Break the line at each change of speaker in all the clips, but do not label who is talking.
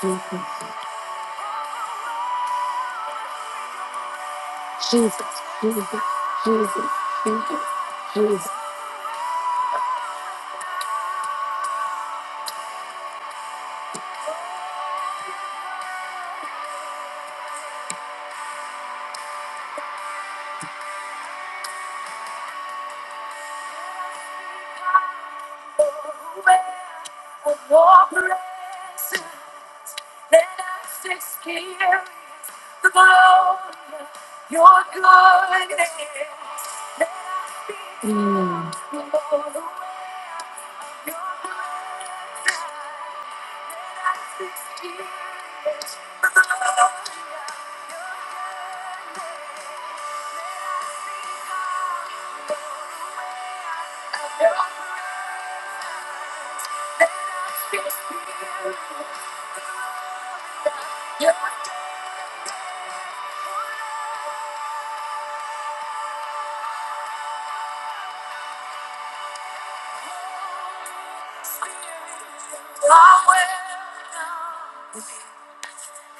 Jesus. Jesus, Jesus, Jesus, Jesus, Jesus. Mm.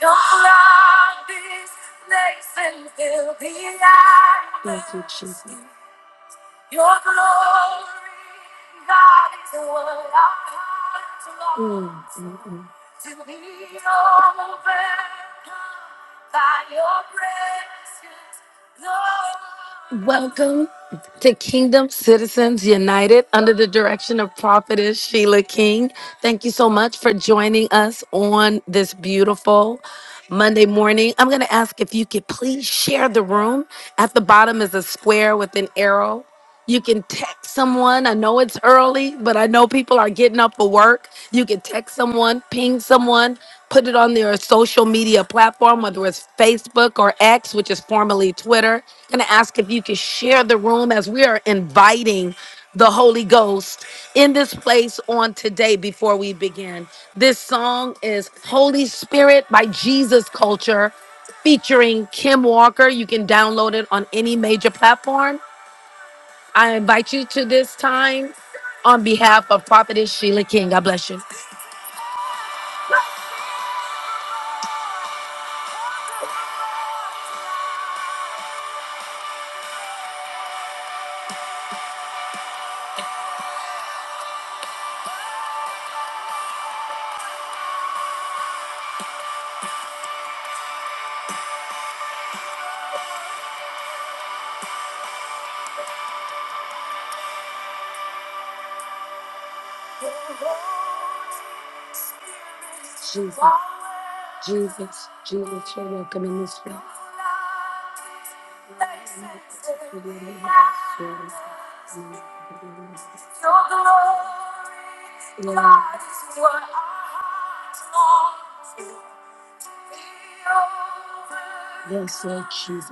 Your blood is blazing, fill the Thank you, Jesus. Welcome to Kingdom Citizens United under the direction of Prophetess Sheila King. Thank you so much for joining us on this beautiful Monday morning. I'm going to ask if you could please share the room. At the bottom is a square with an arrow. You can text someone. I know it's early, but I know people are getting up for work. You can text someone, ping someone, put it on their social media platform, whether it's Facebook or X, which is formerly Twitter. Gonna ask if you can share the room as we are inviting the Holy Ghost in this place on today before we begin. This song is Holy Spirit by Jesus Culture featuring Kim Walker. You can download it on any major platform. I invite you to this time on behalf of Prophetess Sheila King. God bless you. Jesus, Jesus, Jesus, you're welcome in this room. Yeah. Yes, Lord Jesus.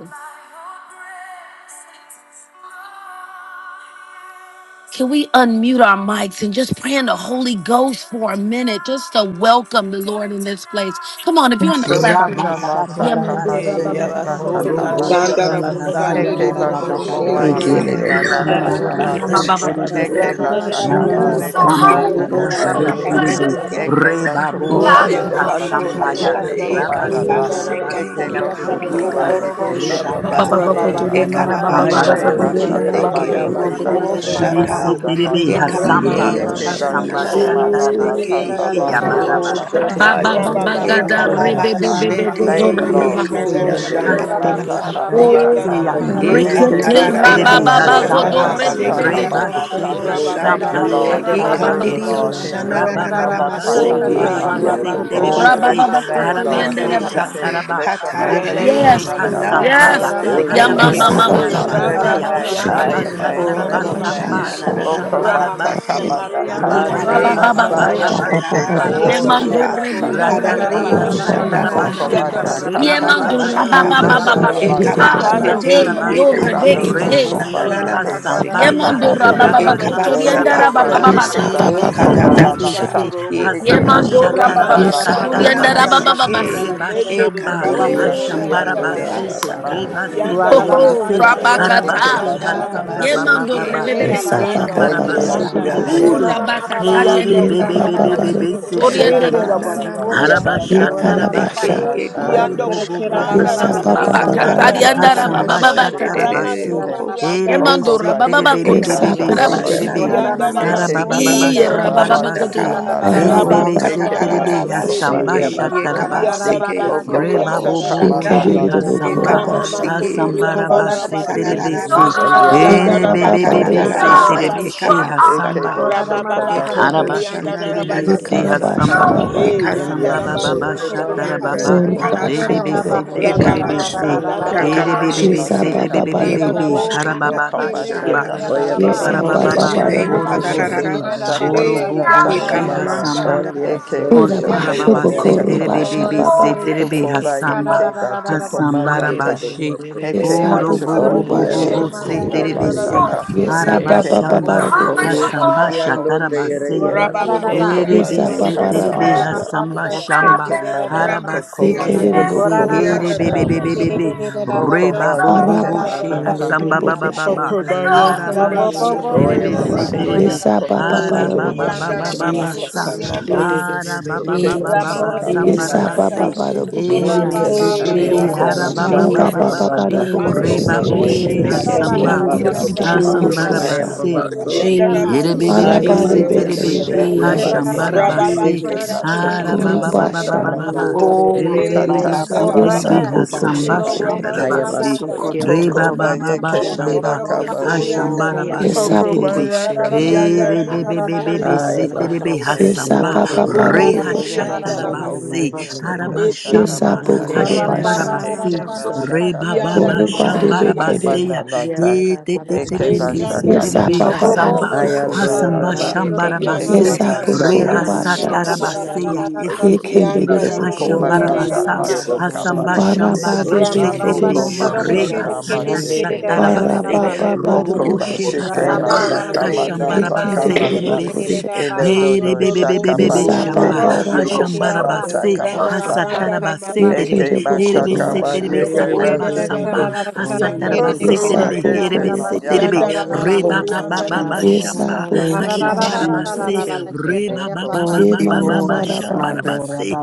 Can we unmute our mics and just pray in the Holy Ghost for a minute, just to welcome the Lord in this place? Come on, if you're in the platform.
Ushokanda la
Thank
yeah, man, do
zakaba
it.
Eh,
Rabashatarabaseya
sheke
Yaraso
bataka
Robo
yando
bataka.
Sandarabo
Sheha
yarabasaya
Heke
Sambara
ba
Sandarabo
Baba
shoko
Baba
Hallelujah.
ba
ondi
Baba
yeke
Shiandarama
Ekelele
esi
ba
Yeah,
Thank
ando
lataka
bokusi
Shambara
Oh,
ndire
Sandaramasi
lata.
Basu
bless your name,
yabaso
Heke
Kiribisi
ba
Ramama
shaka ba
Harada
nengosi
lete
ushata
ko
Sandarabasuri
Shambara
toko
yando
Basu
yarebe
mandata.
Push.
Kiribi
yababaso
Heke
Andarabashandarabasi
ba
Rebabo
toko ba
Roko
uta
apisto
Sheha
shoko ba
Iandaramo
yababando
Kabaraba
teke
Sambaya
ba
Sotori
ndire
toko
Shande,
e
Andarama
ando
Kababa
you.
mandata.
ndire
Seke,
si
Heke
Rabasatarabaseya
Sandarabakuri
ba
Iko
i
shoko ba
Kiribisi
Andaramasi
Torororobo
aso
yeke
ekelele
ba
Ba,
Rebaba
ba,
toko
ba, ba,
Shanda,
ba, ba, ba, ba. Ba, ba, ba, ba,
yababase
Baba Baba
Rabababa
mandata.
Baba
Ekababa
Sotori
Shambara
ayando
Heke ba
Shanda
Basu
Andarama
rekele
shaka
ndire e
ba
Seke,
boku
yeke
amando
ba
Rokobo
toko
saba
Kiribisi
yarabasi
Shata,
Sandarabasodoroboso
Kiribi
mandata
i
Hasamba
Ramama
ilele
Ekabirio
Eke
Mama
amaso
Shanda
Hasamba
ndire
bashoko
lavakosia.
malanda
Sandarabasotori
Shatarabase
tata
Heya
landa
Thank
Rokobo
Andarabasi
you. Lord.
lasa.
Shata.
Thank
ushata
Barabasa
you, Lord.
yando
Ye
ga
Heshe
Rabababa
da
kenda
re
yarabasa
kababa
be
Rebabobobose,
be
lata.
be be
Sandaramasi
go
shete
do
yerebese,
Thank you,
ra
endi
Terobo
ba
ye
ba
Lord.
esi
ba
terebese,
Heshe
kobo
ba.
yando
shanda
sheke
Shandarabasi
hasamba
na
mandaka
yarabasaya
Oh,
maseki
bataka.
shatarabaseya,
ye
only
Iandanaramasori
esse
Eke
yerebese,
rekete
e
Ekelele
katarare
terebe,
bashaka
yo
bokus.
andararabasotori
rabababa
amassou Only
balata
godo
shataba
hasamba,
amassou
seke
rebebebe
kabataka
andararabasete.
godo.
rebashe,
balata.
rokobo
onde
Thank
hasamba
you,
Only
Oh,
you.
que
Lord.
Rabababasutori
You are
rabababa
worthy,
andou
shatarabase,
Ikandirio
Lord.
godo.
Thank
Heshe kenda
shananana
andararamasandararamosori.
rabababa,
lata
onde
Oh,
kanta
maseke
esse
tata.
shambarabase,
amandou
rokobo
e
Oh,
terebese,
shata
bless
rabababa
your
amassou
name,
Rabababasandararamasutori
Lord.
koturiende
harabase,
seke
Heshe
rabasi.
andararabashe.
ke.
shataraba,
Bless your name.
hatarario
roboshe,
Heke
Yes,
manda
Yandararabasori
Lord.
shanana
lata.
hasambaya,
yes, Lord.
oi
ya
seke
Eke
yandararabasete.
Yes,
mama
yekobo
amassou
Abba,
mama
Robosita
batata.
Baba,
godo
the
shata
Yellow
Bless your
hayabasatarabaseya,
robos and the
Ramasi
Lord,
name.
rabababa
shake
yando
babase
Bless
ai
it.
your
godo.
name.
boshanda
amassou
robosata
Bless
rokobo
your
onde
name.
rabasatarabasamba,
Yes,
rarabasete.
Baba,
shananana
andou
Lord.
e
Oko
Rama
bata
amassou
Baba,
shambarabase,
babande
masatari
kamada
I
yandoro
kata
pray
atai
yellow
hananario
robos.
Rabababa
boshanda
mataka.
Robosita
kobo
godo.
amassaia
rebabababababa,
yellow
rarabake.
Shaba,
Eke
Baba,
robos
shata
the
Ye
and the
Lord,
batoko
onde
shake
Yandoro
it.
shambarabaseya,
mando
basata
esse
manata
bosori
robosata.
rebebebe
andou
I
godo
Ratatata
hadarario
kamadata.
Kuru,
e
yandararabashete.
Bada,
rabababa
amassou
Oko
godo.
Basha,
shananana
satarabase,
for
Kara.
manda
Yandoro
Ye
maseke
kata
bosori
kobo
mando
rebababa
kanda
shata
lata
puxa
Robosita
rabababa
Yes,
yandararabasete.
yellow
tai
konda
godo.
shambarabase,
andou
Ekede,
robos
e
lata
the
Ah,
and the
Lord,
ye
konda.
Ikando
ekabasete
amassou
de
robosata.
mando
boshanda
hasatarabase,
Eke balo
Kuru,
yekandirio
rebekete.
toko
rarabasete.
Basha,
ba
reboshe
shananana
yeke bata
maseke
Bakata,
hasambaya,
Robosita yellow
Bada,
Yemandora
robos
baba
and
Bekede.
the robosata. Robosita
Iandorobo
bakotori
yellow robos
onde
ekabasata
andara
Oko ba
rabashatarabase,
baba
and
assoia
the
baba
Yes,
sheke
basi.
Soriandarabase
ba
Abba,
robosata.
O
Baba,
shiko
herebese
the
ba la
Lord,
la
shake
ta.
katabasha
terebese,
it.
ye
Terabasikandarobosa
Eke
kobo
buto
Yemandora
seke
baba
kunda
ye
la
Yes,
Robosita yellow robosita
la
yellow
la
bakotori
Abba,
la
robos
kanana
la
andara
Kuru,
hasambashatarabasatarabase,
baba
Ramasiandarabate
baba
Basha.
and
shaka
the robosata. Yellow robos and the
la
robosata.
maseke
basi.
shaka.
Nende
e
rebashamba,
Robo
Eke
onde
kandirio
ba
Yera,
Oh,
shako
Bada,
e
Bakoshe.
hashambarabase,
manete
you.
Sotoriandarabashe
te mando
shandarabasaka
rebase
Ora
kunda
ho
o
la
ho,
terebese,
shaka.
Yandarabasete
kataraba
Eke
rabakata.
harabase,
ba
shanda
shaka ba
Yatoriandarabase
Robosita
sheke ba
hasambabababa,
Yemandora
baseke
bebe
shaka.
Yes,
E
besi.
e
Abba, Baba,
Eke ba
Bada,
hashambarabase
shako
kamasanda
e
Ooh,
Bakoshe.
ye
terebese,
Yandobashandarabaki
manete te la
rabakata
la la
diende
la
de
Yera,
la.
baba
namaseke
Baba,
baba
Iandoboshata
Bada,
Eke
herebebebebebese
ba
sokotori
Bakoshe.
ande
terebe.
shaka
de
Nende
ma
Robo
la
basi.
anana
la la
mashanda
shaka.
Yabasunde
Yekara,
Soriandarabasike
Eke
Harabashatarabase.
Basha.
baseke
ma
Oh,
ye
shaka
kobo
Island,
manete
shata
ma
Rebobobobo
Yes,
she
Abba,
Yasunde
Baba,
hasamba.
rabakata
Bada,
Oko
Yakabas,
ba
diandara
Bakoshe.
sheke
Iandoboshandarabakoriandarabase
baba
Hasamba
ba
ikanarabasha
baba
de de
kati.
sheko ba
de
shatarabase.
sheke.
Ramasotorianda
de
Erebe
Oko
Yemandora
se
ba
baba
Rabashende
terebe
de
sheke
be be
Yes,
ba
bakotori
be be
Abba,
Rabase.
andara
shaka
se
only
Ekababasha
ba
a
na
basi.
sha.
terebe.
na
Koshe,
na
soya,
Yanda
na
Heke ba
masike
Harabababa
Ii
Rabasorianda
shoko ba
yellow
rababa
robos
la
Rabase.
bakotori
shambarabase.
ekabashata
andara
and
takanda
the
la.
robosata.
basi.
Araba
Erebebe
baba
se
Rabasanda
Heke
baba
ba
terebe
Jesus.
shoko
bokoshe. Ye
ba
hasamba
Rabasete.
rakatararabashete
only
la
a basso,
tamasi.
Yanda
shatarabase.
ekabasike
Thank
Oko ba
Rabasorianda
shaka
Arababababababokoshe.
ma
Rebobobobo
yokoboshanda
la
she
la
Rabasete.
hasamba.
tukulanda.
Ramama
Yekeredebokorobasha.
ekamasike
Ina
Sotorianda
landa
yokobosha
Hasambarabase
landa
Rabasete.
terebe
you.
se.
only
hushakanda.
a
tararabashande
Le
Yanda
erebe
basoya,
teke
be
Yeah,
be be
teke ma
se
Rabasorianda
Yenabababarabokosho.
sha.
terebe
hatararabaseke
Rabasete.
she
Eke
hasamba.
kabashata
bo
Orara
shoko
mara
Rabababa
ba
karara
shaka.
ekobosha
Sotorianda
na
kerere
na
da
na na
Heke
Arabasetelebese
ma
basta
Rabasete.
orara
Yekarabasha
masike
hasamba
shaka
karara
baba.
Eh,
only
Yanda
a
hasamba baba
ikandiyosha
ba
soya,
na na na na
shatara,
Rabasotorianda
baba
Usokobayekayaka.
Rabasete.
baba
basakarara
kerere
Yesabababarabokoshe. Ye karabasha baba. oru kere.
da
rebebese
kere.
basta yara ra ra
ekabasha
ra
telebebebese
ra
Okomashakamasike
ra ra ra ra ra
masike
Ramamasandarabasit.
Ye
ba.
sa
yakabashete
erebebebese
masaka.
baba baba
telebebebebe
bokoshe
O
kere.
ekoboshanda
harababa ba
eke
shamba,
Yandarabasoriandarabas.
bebe ra
Oya
ra
Ye
Okomashakamasike
ba
Baba
sa
Oh,
ndoro
baba
soya,
bless
karababa
masaka.
your
kore
baba
name,
kerere
Father
Ramasandarabasit.
bokoshe.
Eke
kerere
orobose
Rararaba
da
masaka
Shete,
basta ra
Eh,
ra
orobobo
ra ra
manataka
ra
she
ra ba.
Ikamama
mana.
hai
hasamba
Shanda,
only a
Eke
Yandoboshandarabasit.
Ye
on
na
mashako
Yes,
sonde,
basha
you.
Lord.
barababa
Yes,
maneta
bokoro
setere
Lord.
basha
komande.
bebe
Ore
baba.
kerere
setere be
kerere
hasamba
Tokobayeke
karara ra ra ra ra ra ra
hasamba
basta ya.
batokomanata.
rabashi.
Ye
Eke
sa
Oro
Para
bo
kara
bokoro
bo
only
bo
a
machokokono
bo bo
bashe.
soya,
kerere da
tukuna
ra
setere
ra ra ra
be se
lashaka.
ra.
Ye
Yabaso,
ra.
sa
Ramasiandaramasete
Eke
baba
harabashamba
manda
baba
Yadorobosu.
only a
bokoshe.
hasamba
kokomanda
sikiandon
konoshi.
de
Ora
shatarabaseya
Ora ra ra ra
Yabasaya,
ra.
Ye
Erebe
sa
Okomanda
Kerere
se
baba
ra
basha
Rababasandarabasete
ra
terebe
ra
basha.
ra
katamanda.
hasamba
basta
Roboshiandar.
shamba
Heke
kerere da ra ra
manda
ra
haraba
ba.
koko
Ye
se
manda
terebe se
koko
Kurama,
manda
Yesabokorobashe.
herebe be be
Ramasiandarabosoriandarabas.
be be
kalashi.
be
Hoko
reba
ba
Yesabababarabokoshe.
bo bo
yeke
bo she
Yesababarabashe.
manda
baba
ka.
hasamba ba
Yandaramasandarabasoria
ba ba
Arabababababokoshe.
ba
Babas.
Hoko ba yeke
haraba
manda
she
Oya
terebe se
Baba
kalashi.
terebe
soya,
Yes,
Rabababasandarabasit.
I
Hoko ba
Baba Bada
shike
haraba ba ba
Bokoshe.
ba
mashike
ba
Yandaraba
ba
masaka
sa
lala.
Shotoriandaraba.
haraba ba
Heke
ba ba ba ba
Ramama
mashaka
samba
Yes, I
raba
manana
se
Baba
lashi.
Sotoriandaraba.
Bada Bokoshe
erebe
Kede.
se
I
Hey,
am
terebe
a
Hoko
haraba
soya,
Yandaraba
ba
Yina
ba
mashaka
ba
Baba
ba ba
Sandarabo
mananda
Bada
koko
Shande.
Bokoshe
reba bo
manda.
Kede.
she
Yandabo
Heke
hasamba
manana
Yekede de
Soriandaraba
hasamba
Sik.
asheko
I
raba
am
Bokosha.
a
se
mananda.
basso,
Yandaraba
here
Heke
be be be
I
be
am
Barabade
Erebebebebe
Soriandaraba
andon
be
manaka
de
Bekede de
Sika.
ha
Bokoro.
Yabaso,
shambara ba
Rababa
se
Eke
ha
Sandaraba
matoko
ra ba ba ba ba
manata
ba
Korubasha.
ba
Soriandaraba.
ba ba
kamata.
re be
Hey,
be
Tata
Mandelelelelele
be
so la
Yandaraba
la
Yes,
rebebebe
kamata
I
la
be ha
la
Sika.
kontuko
samba
baha
Bokoshe Kede.
Rama
shatara
bayeke.
shehe.
I
ba
am a
se
soya.
Soriandaraba
re
Kyoda
Oko
ba
Sik.
la
ba
la
ba ba
bayeke
kosho te
shamba
manaka
Yandarabo
priya
ha
bashi.
mama
shambara
Soriandaraba
ba
priya
Yes,
na
se
I
Oko
Shika.
se
deke
be
so
Bokoshe
bayaka
la
Robo,
la
Kede.
la.
e re
bayaka
be
Yandarama
be be be
bashi.
be
I
Ora
se te re seterebe erebebebebe
am
Oko
baba
be
Soriandaraba.
ha
Yes, I
sehe
mashike.
samba
Baba
tempo
Bada
re
Romo
ha
bedu
Bokoshe.
Sorianda
kehe
shatara ba
Oko
Labas,
se
bedu
ha
la
bayeke
ra
ha.
ba
Eke
bashaka
Yes, I
shamba
Romo
ha
masaka.
Shanda
Mandelele la
shambara
Bokorubasha.
la
ba
Labas,
la
Eke
se
la so la
re
la
mashaka
ba ba
Yanda
ba
bashike
Lama
Korubade
baha.
shambara
bashoko
ba
Sorianda
Bekede.
se ya
Labas,
mananata.
Yada
e
la
te
la
te
la
te
Eke
la
terebe
siya
se
Kesanda
bashaka
la
Yes,
la
I
la
terebe
Labash,
la
Baba
bateke
baha.
hasamba
Bada
batoko
Bokoshe.
Ayandoya
hasamba
mananda.
Mm,
Mandele deke
Rabasataya,
Yanda
so
shambarabase
Eke
Yes, I
la
Labas
la la
re
la la
Sorianda
Bokorubasha.
siya la la
hasatarabase
la.
ya
Labashete,
hese terebe
Yekede
Teba
Yanda
de bokoro
Ora la
basha.
Labasete,
la
Shokomananda
hashambarabasa
la
Lede
la la la
Lachakaba
hasamba
Labasika,
Sheke
Baraba de
shambarabase
Rama
la.
beke de
terebe
de
Koko
re
Sotorianda
bokosha.
Mashakama
Labashi,
hasata
Yonder,
Sheke
Mm,
Basi
shatarabase
Baraba baba de
Oko
robo she
bokosha.
Basheke
Nanda
hasamba
Ayababasoya,
Labasete
Mashakamana
Yeke de
hashambarabase
de
terebe
Takalanda
Rabasia,
se
bokosha.
Elo
hey
Dodo
rebe
Keshondo
be be
Robo
be be be
Yesa
Shakabani
Sorianda
shamba
Kebo
baba
Lamasi,
rabasha.
Shokomana
Berekiaba,
hashambarabase
Ababa
Takamasaka
Ramasanda
hasatarabase
Sakayaba,
Yeke
terebe
ramasete
Eke
de
herebe
bokoro
Yabashi.
se
Mashakaba
terebe
basha.
Ede
Yeke
kerere
Basi
Orianda
satarabasamba
kararara
Ramasi
kare
and
kerere
Oko
Ramasa.
Yesa
kerere
Hashambarabasiterebe,
Yeke
yarara
bokoro
basu
bare.
herebeseterebe,
Yanda
Mayakama
kurara baha.
Sheke
Ramasorianda
Mashokoma
rebababababashamba,
Yesa
Ramasata.
bokoro
Shakamana
basha.
hashambarabase,
Tabasi
Kararararararararara
Mm.
kerere
Oko
baha.
Ye
Masheke
mama baraba.
Mashakama
rebababababababashambarabase,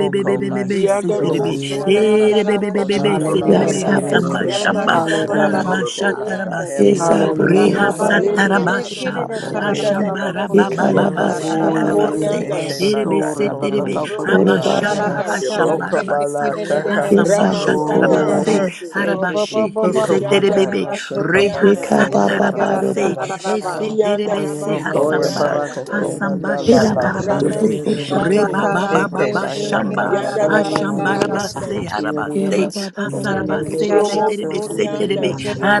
Oko masheke
Dianda Robo
masheke
Kurara
Sorianda
marara
mashoko
karara
nanda la
kere
Ramashikara.
la
erebebebebebeseterebe,
la
kerere
Yasa
la
yarara
shata.
bokosha
hasambashamba,
basu
kere.
Ramasanda
Oh
kurara
Rabo
shike
baha.
manda,
Sorianda
have
harabashatarabase,
Ramasa.
your
Yesa
way, Lord. He
bokoro
Baba
bare
barara
Hey,
sheke
kere
beke.
manda.
Yando
rehasatarabasha,
kerere
Boshanda
Heke
kararara
manda do
Ramasi.
bakuşa
La
Yekara
shoko
la
basha
manda.
yarararararara
baba de
baha.
hashambarababababase,
Hallelujah.
Ikorianda
Heke
Ramasa.
manda kolo
erebeseterebe,
Romo
shike
bokoro
manda.
habashamba,
basha.
Sorianda
Kararararara
Yellow
karar
Ramasa.
Oko
was
kerere
bala
kerere
yellow
shaka.
yarara
hashambarabasa,
Yesa
baha.
was
bokoro
Ramasanda
Harabashatarabase,
basha.
Uh-huh.
Rabasete.
Robo
Harabashe,
bobo
Oko
barara
Ishanda
karara
manda
Heseterebebe,
la
kaşı
shaka
kerere
Rabasorianda
manda
Yeka
la
kerere
baba
shaka
Rabasete.
bare
manda
Rehasatarabase,
la
yarararararara
bokosha.
baha.
shaka.
Kianda
Heseterebese,
Oko
Oya
Hasamba,
manda
Ramasorianda
koko
Babasoya,
Rabasete.
Hasamba
manda la
Yera
la
ba
shata.
bu
Shatarabase,
koşa ba
Ramasikando
ba
Rakatara
ba da bu
Boshata.
Heke
Rebabababa
kerere
koşa
mashaka
kere
Shamba,
yera ba.
mashaka
Yandaraba
mashaka.
kerararararararaba.
Sorianda
Hashambarabase,
mashaka.
Harabase,
Yera ba
Ramasikana.
ba ba ba da
Rarare
bu
Hasarabase,
Okobashaka
koşa.
Romo
Seterebe,
kararabara
Basheke
kese
Sorianda
Seterebe,
Basha
Ramasi.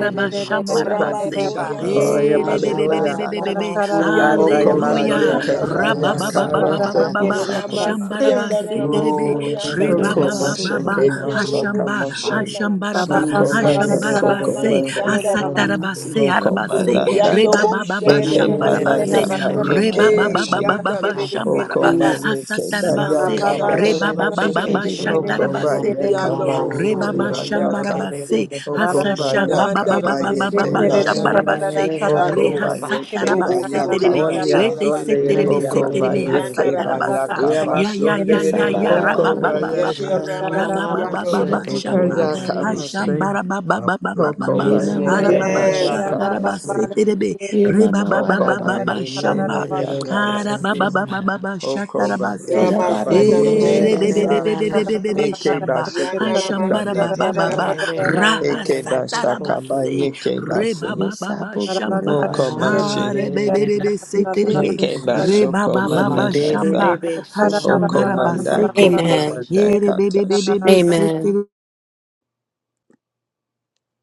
Rabba
Okobashaka
Sorianda
Oya
Bayeke
la
Rabashit.
la
Basoya,
la,
Basaka
Erebebebebebebe,
la
Rarakarara
say
kerere
Yandorbo
kerere
Hallelujah,
Atayamandoya
Okobayeke
Sorianda
Rabas,
karararaba.
Bayaka
Rabashit.
Rakatara
Base
Rababababababa,
Yesa bu bu
kerererereraba.
koşa
Ah,
Ramasianda
Shambarabase,
kere.
Monday,
Terebe,
Ramasorianda
Reba
Rabas.
Yera
ba
ba
ba
bu
ba ba.
Okomasheke
koro baş.
Masaka
Ekerobo
Hashamba,
Machine
Shianda Ramas.
Hashambaraba,
Bababa
Yesa
karara
bu
Okomana
karara
koro da.
kere
Hashambarabase,
Kokomana
Ramasanda
kererereraba.
Rabas.
Hasatarabase,
O
Arabase,
koro
yellow.
baş.
Okomalanda
Reba
Yandobo
ba
Kerere
ba ba
Shanda
Eke
Rabas.
Shambarabase,
Malanda
kererererererereba.
Yena ma
Ndara
ma ma
Bayeke
Reba
da
karara
ba
ba.
ba
Eh,
ba
Bashi
ba
karara
ba
Yanda
ba
Rabas.
kerere
Shambaraba,
kererereba.
Okobayeke
Hasatarabase,
Bayaka
Rababara
Ramasanda
Bashi
Reba ba
karara
ba
Bu
ba ba
kerere
kere
Rabashende.
de bu koşa.
Shatarabase,
Okobayaka
kerererererereba.
Terebe,
Yando
Reba
Bayeke
Bosori
ba
Bayaka
Shambarabase,
Andarabase,
Thank
Hasasha ba ba
Okobayaka
ba ba ba ba ba
Bayeke
ba
Nandarabasori
Bashi
Shambarabase,
Oko
Andarabashikando,
bayeke
Robo
Rehasatarabase, Terebe,
Only
Soriande
bayakabasha.
de
Rete se
Sunday
Rabake,
Terebe,
Oko
se Terebe,
Rehabaso,
bayeke
Hasatarabasa,
Yandarabasete,
Yama
Ya
bayakabashi.
ya ya
Sunday
ya
Yesa ba
ya
ba
Oko
ba
raba ba
da bu
Rehabasoya.
ba ba
koşa.
ba
bayeka
Yeke
raba
Ramasi
ba ba ba ba
Yera bu
Andoroboso.
shamba
koro ba re
ha
be se.
bayakabashi.
shamba raba ba
Um,
ba ba
yep.
ba ba
Oko
ba
Mede
Yena
de
ma
bayeke
de
da
araba
de
ba
ba.
Yes,
shata raba
so
bayakabashi.
seterebe
Ye ma
reba
ma
ba
ba
ba
Oko
da
ba ba
ba.
ba
bayeke
shamba
you.
araba ba
bayakabashi.
ba ba ba ba shata
Oko
raba se
Yera
bayaka
ba da bu
Ramasada
bayeke
eh
koşa
Ramasa,
rebe be
kere.
be
basa.
be be be be be be
Eke
shamba ha
bashuko
shamba
tukanda
raba
na
Yandaramasete
ba
de
ba
na.
ba
Rabase.
ra ha
Eke
sata
bashaka
raba
na.
se
bayeke
reba
basi.
ba ba
Yesa
ba
bu
shamba
koro
Oko
baş.
mashi.
Re be be
na.
be se,
Bu
te,
kere
rebe.
bu
Eke
Re,
koşa ba.
ba
bashoko
ba ba ba
mananasa.
Yemandora.
shamba.
Thank
Ha, shambara, ba,
Kokomanda,
se,
na.
te, rebe.
Amen.
Kokomanda
Ye, rebe, be be ye be
Katashi.
be Yerebebebebe seterebe.
Amen.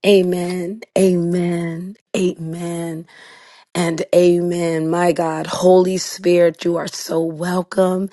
Amen. Amen. Amen. and amen. My God, Holy Spirit, you are so welcome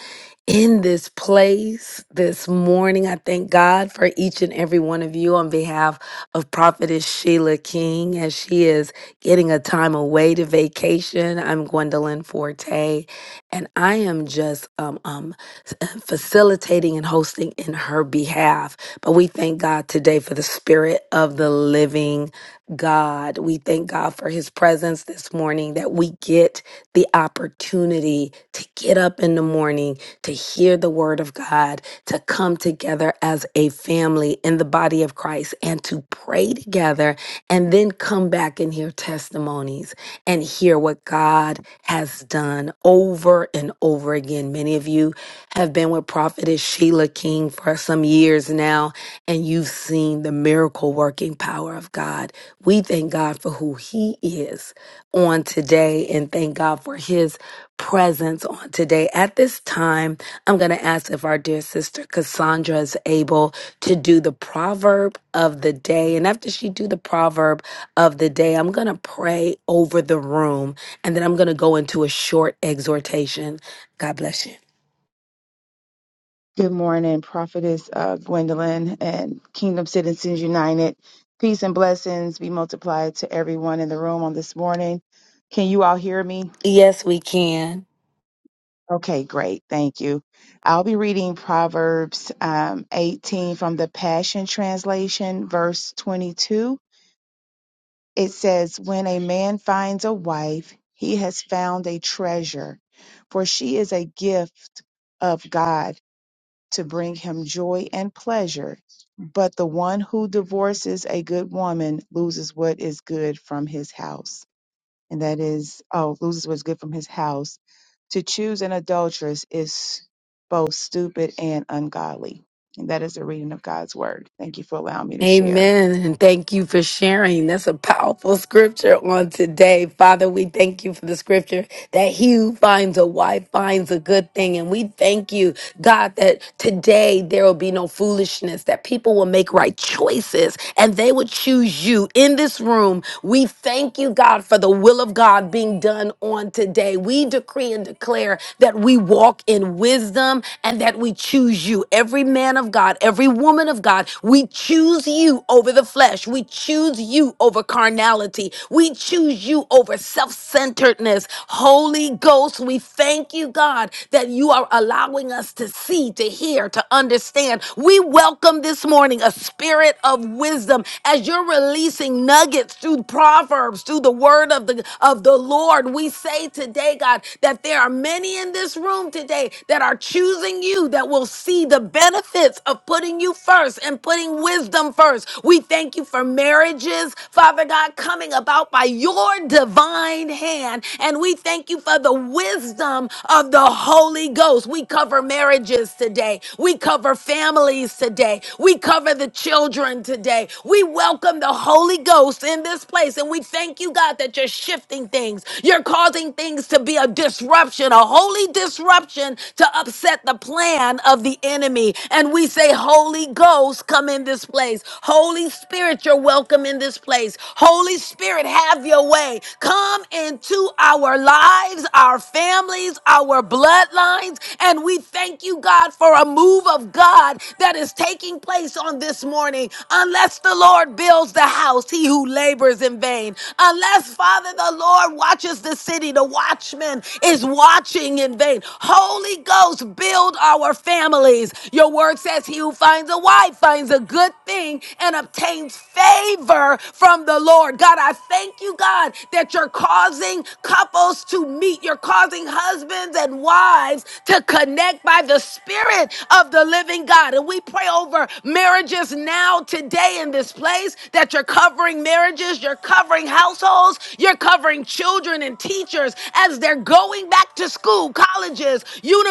in this place this morning. I thank God for each and every one of you on behalf of Prophetess Sheila King as she is getting a time away to vacation. I'm Gwendolyn Forte, and I am just um, um, s- uh, facilitating and hosting in her behalf. But we thank God today for the spirit of the living God. We thank God for his presence this morning, that we get the opportunity to get up in the morning, to hear the word of God, to come together as a family in the body of Christ and to pray together, and then come back and hear testimonies and hear what God has done over and over again. Many of you have been with Prophetess Sheila King for some years now, and you've seen the miracle working power of God. We thank God for who He is on today and thank God for His presence on today. At this time, I'm going to ask if our dear sister Cassandra is able to do the proverb of the day. And after she do the proverb of the day, I'm going to pray over the room and then I'm going to go into a short exhortation. God bless you.
Good morning, Prophetess uh, Gwendolyn and Kingdom Citizens United. Peace and blessings be multiplied to everyone in the room on this morning. Can you all hear me?
Yes, we can.
Okay, great. Thank you. I'll be reading Proverbs um, 18 from the Passion Translation, verse 22. It says, When a man finds a wife, he has found a treasure, for she is a gift of God to bring him joy and pleasure. But the one who divorces a good woman loses what is good from his house and that is, oh, loses what's good from his house. To choose an adulteress is both stupid and ungodly. And that is the reading of God's word. Thank you for allowing me to share.
Amen. And thank you for sharing. That's a powerful scripture on today. Father, we thank you for the scripture that he who finds a wife finds a good thing. And we thank you, God, that today there will be no foolishness, that people will make right choices and they will choose you in this room. We thank you, God, for the will of God being done on today. We decree and declare that we walk in wisdom and that we choose you. Every man of God, every woman of God, God. We choose you over the flesh. We choose you over carnality. We choose you over self centeredness. Holy Ghost, we thank you, God, that you are allowing us to see, to hear, to understand. We welcome this morning a spirit of wisdom as you're releasing nuggets through proverbs, through the word of the of the Lord. We say today, God, that there are many in this room today that are choosing you that will see the benefits of of putting you first and putting wisdom first. We thank you for marriages, Father God, coming about by your divine hand. And we thank you for the wisdom of the Holy Ghost. We cover marriages today. We cover families today. We cover the children today. We welcome the Holy Ghost in this place. And we thank you, God, that you're shifting things. You're causing things to be a disruption, a holy disruption to upset the plan of the enemy enemy. And we say, Holy Ghost, come in this place. Holy Spirit, you're welcome in this place. Holy Spirit, have your way. Come into our lives, our families, our bloodlines. And we thank you, God, for a move of God that is taking place on this morning. Unless the Lord builds the house, he who labors in vain. Unless, Father, the Lord watches the city, the watchman is watching in vain. Holy Ghost, build our our families. Your word says, He who finds a wife finds a good thing and obtains favor from the Lord. God, I thank you, God, that you're causing couples to meet. You're causing husbands and wives to connect by the Spirit of the living God. And we pray over marriages now, today, in this place, that you're covering marriages, you're covering households, you're covering children and teachers as they're going back to school, colleges,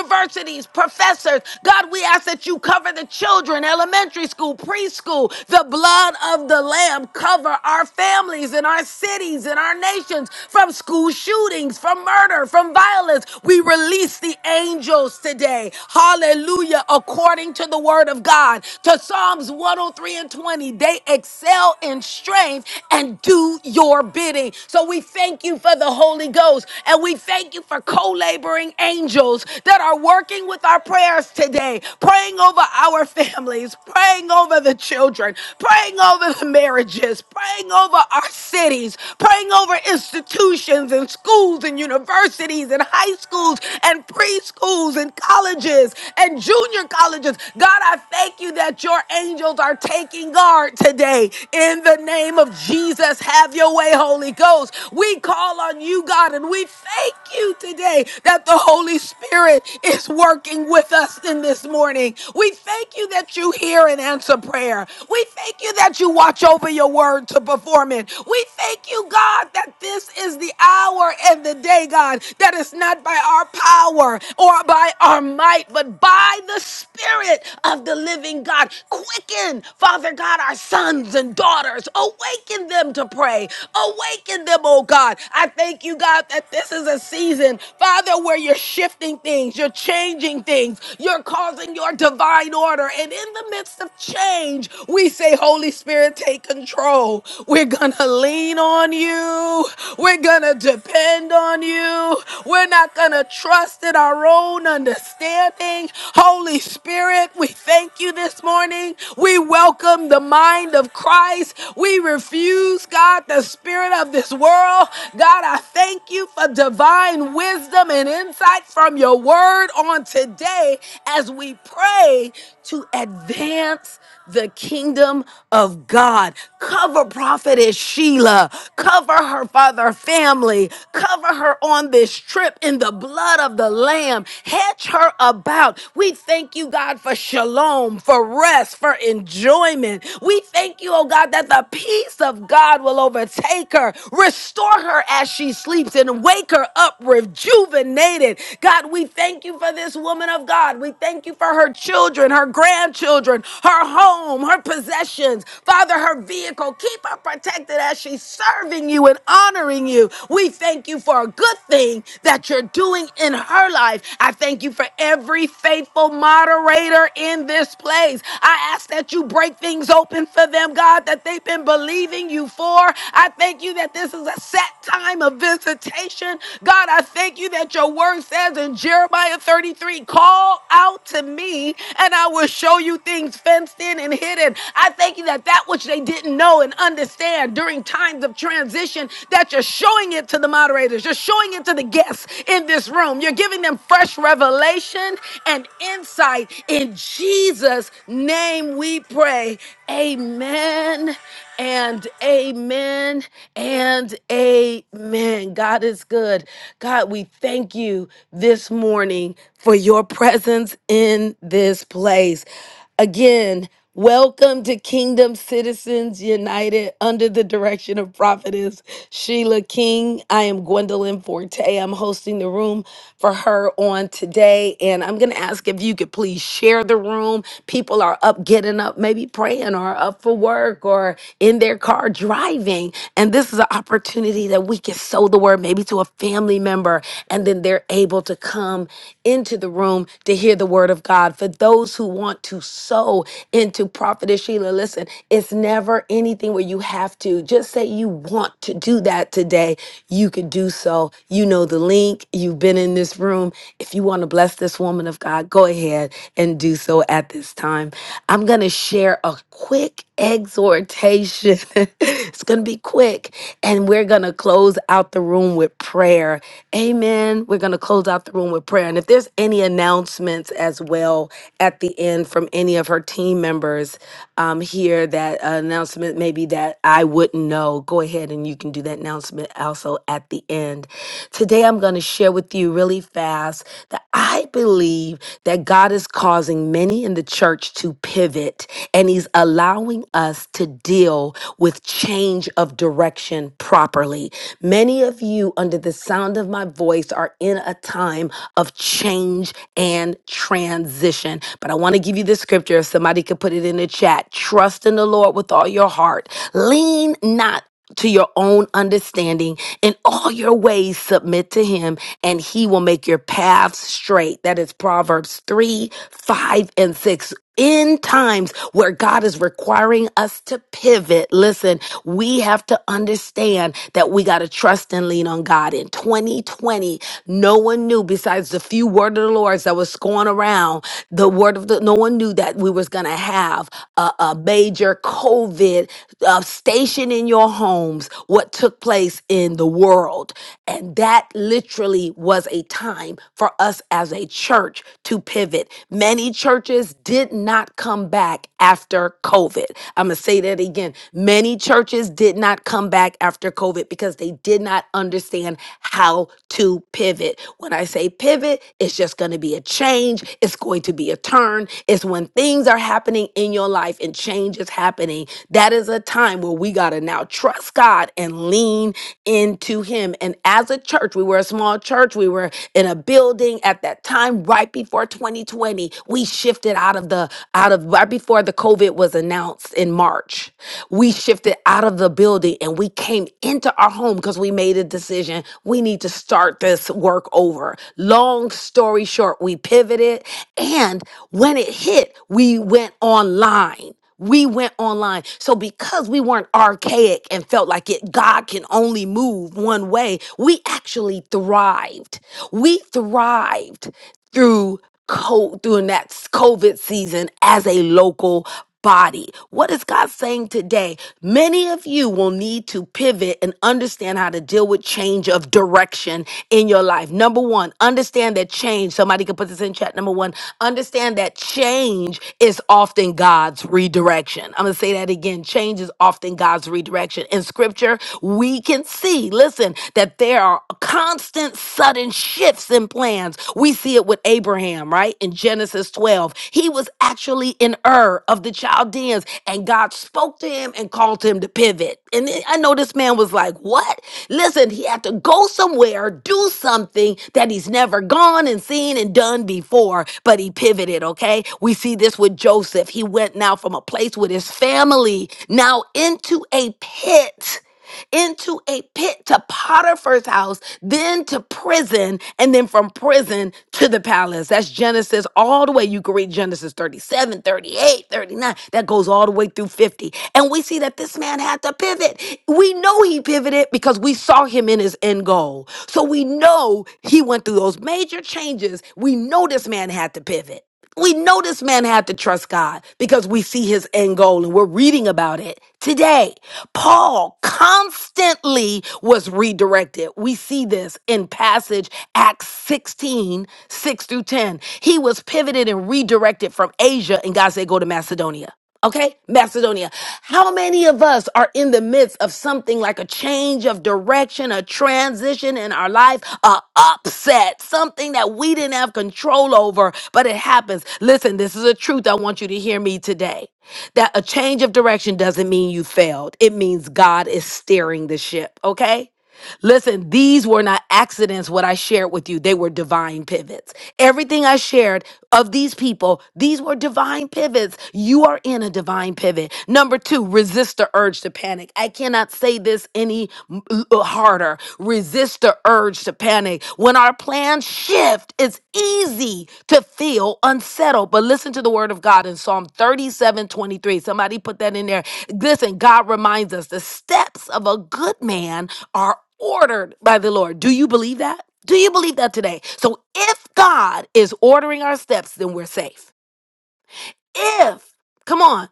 universities, professors. God, we ask that you cover the children, elementary school, preschool. The blood of the Lamb cover our families and our cities and our nations from school shootings, from murder, from violence. We release the angels today. Hallelujah. According to the word of God, to Psalms 103 and 20, they excel in strength and do your bidding. So we thank you for the Holy Ghost and we thank you for co laboring angels that are working with our prayers today, praying over our families, praying over the children, praying over the marriages, praying over our cities, praying over institutions and schools and universities and high schools and preschools and colleges and junior colleges. God, I thank you that your angels are taking guard today. In the name of Jesus, have your way, Holy Ghost. We call on you, God, and we thank you today today that the Holy Spirit is working with us in this morning. We thank you that you hear and answer prayer. We thank you that you watch over your word to perform it. We thank you, God, that this is the hour and the day, God, that is not by our power or by our might, but by the Spirit of the living God. Quicken, Father God, our sons and daughters. Awaken them to pray. Awaken them, oh God. I thank you, God, that this is a season, Father, where you're shifting things, you're changing things, you're causing your divine order. And in the midst of change, we say, Holy Spirit, take control. We're going to lean on you. We're going to depend on you. We're not going to trust in our own understanding. Holy Spirit, we thank you this morning. We welcome the mind of Christ. We refuse, God, the spirit of this world. God, God, I thank you for divine wisdom and insight from your word on today as we pray to advance the kingdom of God. Cover prophetess Sheila. Cover her father family. Cover her on this trip in the blood of the lamb. Hedge her about. We thank you, God, for shalom, for rest, for enjoyment. We thank you, oh God, that the peace of God will overtake her, Restore her as she sleeps and wake her up rejuvenated. God, we thank you for this woman of God. We thank you for her children, her grandchildren, her home, her possessions. Father, her vehicle. Keep her protected as she's serving you and honoring you. We thank you for a good thing that you're doing in her life. I thank you for every faithful moderator in this place. I ask that you break things open for them, God, that they've been believing you for. I thank you that this is a set time of visitation. God, I thank you that your word says in Jeremiah 33 call out to me and I will show you things fenced in and hidden. I thank you that that which they didn't know and understand during times of transition, that you're showing it to the moderators, you're showing it to the guests in this room, you're giving them fresh revelation and insight. In Jesus' name we pray. Amen and amen and amen. God is good. God, we thank you this morning for your presence in this place. Again, welcome to Kingdom Citizens United under the direction of Prophetess Sheila King. I am Gwendolyn Forte. I'm hosting the room for her on today. And I'm going to ask if you could please share the room. People are up, getting up, maybe praying or up for work work or in their car driving. And this is an opportunity that we can sow the word maybe to a family member, and then they're able to come into the room to hear the word of God. For those who want to sow into Prophetess Sheila, listen, it's never anything where you have to. Just say you want to do that today, you can do so. You know the link, you've been in this room. If you want to bless this woman of God, go ahead and do so at this time. I'm going to share a quick exhortation. it's going to be quick. And we're going to close out the room with prayer. Amen. We're going to close out the room with prayer. And if there's any announcements as well at the end from any of her team members um, here, that announcement maybe that I wouldn't know, go ahead and you can do that announcement also at the end. Today, I'm going to share with you really fast that I believe that God is causing many in the church to pivot of it. And he's allowing us to deal with change of direction properly. Many of you, under the sound of my voice, are in a time of change and transition. But I want to give you the scripture if somebody could put it in the chat. Trust in the Lord with all your heart, lean not to your own understanding. In all your ways, submit to him, and he will make your paths straight. That is Proverbs 3, 5, and 6 in times where God is requiring us to pivot, listen, we have to understand that we got to trust and lean on God. In 2020, no one knew besides the few word of the Lord's that was going around, the word of the, no one knew that we was going to have a, a major COVID uh, station in your homes, what took place in the world. And that literally was a time for us as a church to pivot. Many many churches did not come back after COVID. I'm going to say that again. Many churches did not come back after COVID because they did not understand how to pivot. When I say pivot, it's just going to be a change, it's going to be a turn. It's when things are happening in your life and change is happening. That is a time where we got to now trust God and lean into Him. And as a church, we were a small church, we were in a building at that time right before before 2020, we shifted out of the out of right before the COVID was announced in March. We shifted out of the building and we came into our home because we made a decision. We need to start this work over. Long story short, we pivoted and when it hit, we went online. We went online. So because we weren't archaic and felt like it God can only move one way, we actually thrived. We thrived through co- during that COVID season as a local body. What is God saying today? Many of you will need to pivot and understand how to deal with change of direction in your life. Number 1, understand that change. so Somebody could put this in chat number one. Understand that change is often God's redirection. I'm going to say that again. Change is often God's redirection. In scripture, we can see, listen, that there are constant sudden shifts in plans. We see it with Abraham, right? In Genesis 12, he was actually in Ur of the Chaldeans, and God spoke to him and called him to pivot. And I know this man was like, What? Listen, he had to go somewhere, do something that he's never gone and seen and done before, but he pivoted, okay? We see this with Joseph. He went now from a place with his family now into a pit into a pit to Potiphar's house, then to prison, and then from prison to the palace. That's Genesis all the way. You can read Genesis 37, 38, 39. That goes all goes all the way through 50. And we see that this man had to pivot. We know he pivoted because we saw him in his end goal. So we know he went through those major changes. We know this man had to pivot. We know this man had to trust God because we see his end goal and we're reading about it today. Paul constantly was redirected. We see this in passage Acts 16 6 through 10. He was pivoted and redirected from Asia, and God said, Go to Macedonia. Okay, Macedonia. How many of us are in the midst of something like a change of direction, a transition in our life, a upset, something that we didn't have control over, but it happens. Listen, this is a truth I want you to hear me today. That a change of direction doesn't mean you failed. It means God is steering the ship, okay? Listen, these were not accidents, what I shared with you. They were divine pivots. Everything I shared of these people, these were divine pivots. You are in a divine pivot. Number two, resist the urge to panic. I cannot say this any m- l- harder. Resist the urge to panic. When our plans shift, it's easy to feel unsettled. But listen to the word of God in Psalm 37 23. Somebody put that in there. Listen, God reminds us the steps of a good man are ordered by the Lord. Do you believe that? Do you believe that today? So if God is ordering our steps, then we're safe if, come on,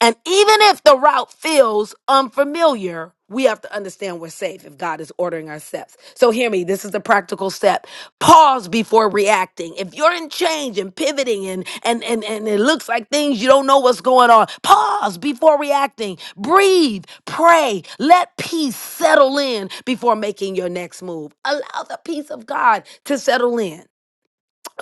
and even if the route feels unfamiliar, we have to understand we're safe if God is ordering our steps. So, hear me, this is a practical step. Pause before reacting. If you're in change and pivoting and, and, and, and it looks like things you don't know what's going on, pause before reacting. Breathe, pray, let peace settle in before making your next move. Allow the peace of God to settle in.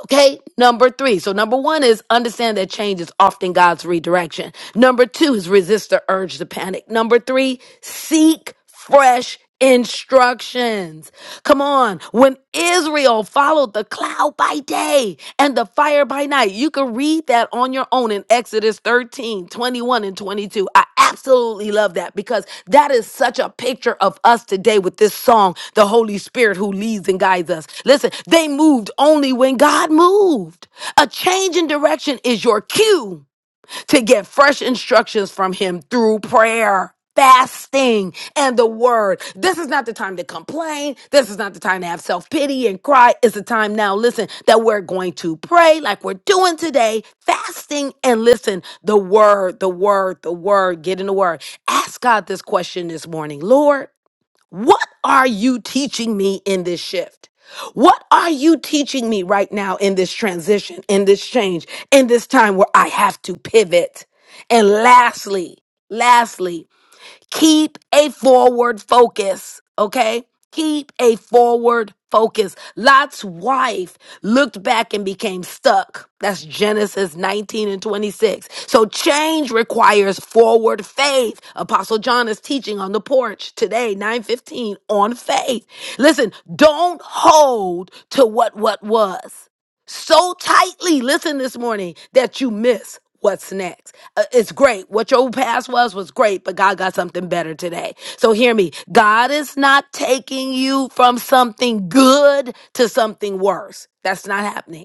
Okay, number three. So, number one is understand that change is often God's redirection. Number two is resist the urge to panic. Number three, seek fresh instructions. Come on. When Israel followed the cloud by day and the fire by night, you can read that on your own in Exodus 13 21 and 22 absolutely love that because that is such a picture of us today with this song, The Holy Spirit Who Leads and Guides Us. Listen, they moved only when God moved. A change in direction is your cue to get fresh instructions from Him through prayer. Fasting and the word. This is not the time to complain. This is not the time to have self pity and cry. It's the time now, listen, that we're going to pray like we're doing today, fasting and listen, the word, the word, the word, get in the word. Ask God this question this morning Lord, what are you teaching me in this shift? What are you teaching me right now in this transition, in this change, in this time where I have to pivot? And lastly, lastly, Keep a forward focus, okay? Keep a forward focus. Lot's wife looked back and became stuck. That's Genesis 19 and 26. So change requires forward faith. Apostle John is teaching on the porch today, 9:15 on faith. Listen, don't hold to what what was so tightly listen this morning that you miss what's next Uh, it's great what your past was was great but god got something better today so hear me god is not taking you from something good to something worse that's not happening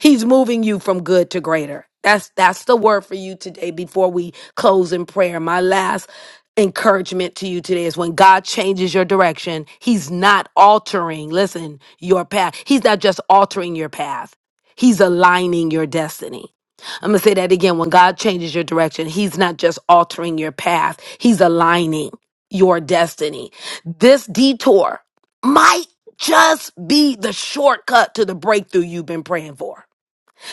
He's moving you from good to greater. That's that's the word for you today before we close in prayer. My last encouragement to you today is when God changes your direction, he's not altering, listen, your path. He's not just altering your path. He's aligning your destiny. I'm going to say that again. When God changes your direction, he's not just altering your path. He's aligning your destiny. This detour might just be the shortcut to the breakthrough you've been praying for.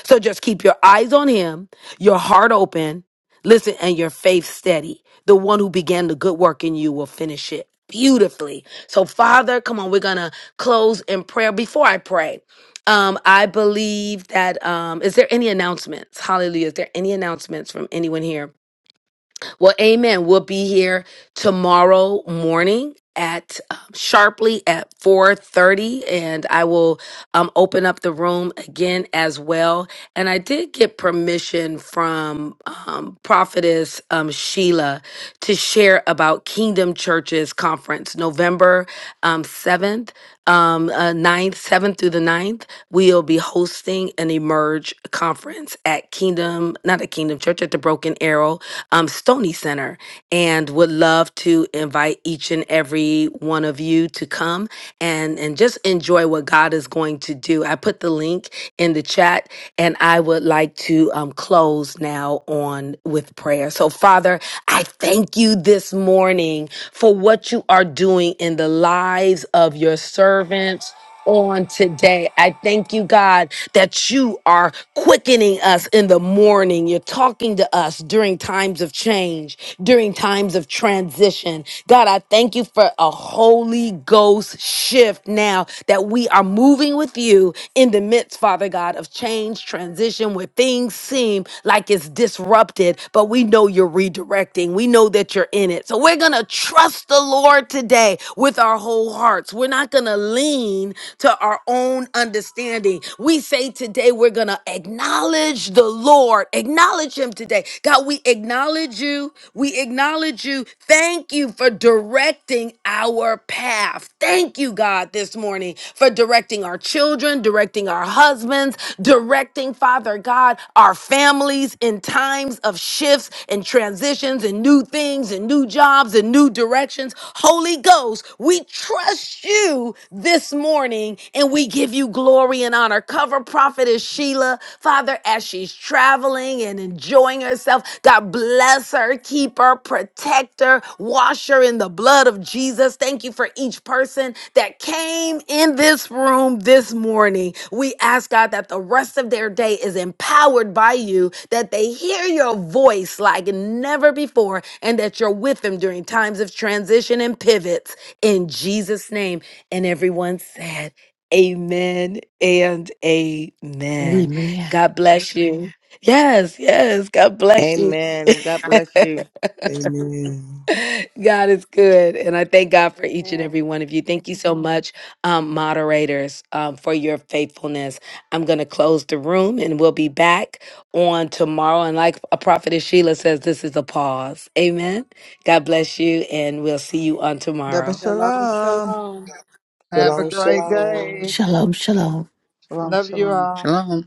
So just keep your eyes on him, your heart open, listen, and your faith steady. The one who began the good work in you will finish it beautifully. So, Father, come on, we're gonna close in prayer. Before I pray, um, I believe that um, is there any announcements? Hallelujah. Is there any announcements from anyone here? Well, amen. We'll be here tomorrow morning at um, sharply at 4:30 and I will um open up the room again as well. And I did get permission from um prophetess um Sheila to share about Kingdom Churches conference November um 7th um uh, 9th 7th through the ninth. we'll be hosting an emerge conference at kingdom not at kingdom church at the broken arrow um, Stony Center and would love to invite each and every one of you to come and, and just enjoy what God is going to do. I put the link in the chat and I would like to um, close now on with prayer. So, Father, I thank you this morning for what you are doing in the lives of your servants on today. I thank you, God, that you are quickening us in the morning. You're talking to us during times of change, during times of transition. God, I thank you for a Holy Ghost shift now that we are moving with you in the midst, Father God, of change, transition, where things seem like it's disrupted, but we know you're redirecting. We know that you're in it. So we're going to trust the Lord today with our whole hearts. We're not going to going to lean to our own understanding. We say today we're going to acknowledge the Lord. Acknowledge him today. God, we acknowledge you. We acknowledge you. Thank you for directing our path. Thank you, God, this morning for directing our children, directing our husbands, directing, Father God, our families in times of shifts and transitions and new things and new jobs and new directions. Holy Ghost, we trust trust you this morning and we give you glory and honor. Cover Prophetess Sheila, Father, as she's traveling and enjoying herself. God bless her, keep her, protect her, wash her in the blood of Jesus. Thank you for each person that came in this room this morning. We ask God that the rest of their day is empowered by you, that they hear your voice like never before, and that you're with them during times of transition and pivots in Jesus' name. And everyone said, Amen and Amen.
Amen.
God bless you. Yes, yes. God bless you.
Amen. God bless you.
Amen.
God is good. And I thank God for each and
Amen.
every one of you. Thank you so much, um, moderators, um, for your faithfulness. I'm going to close the room and we'll be back on tomorrow. And like a prophetess Sheila says, this is a pause. Amen. God bless you. And we'll see you on
Double
tomorrow.
Shalom,
shalom. Have a
Shalom,
great day.
shalom.
Shalom, shalom.
Shalom,
Love you
shalom.
all.
shalom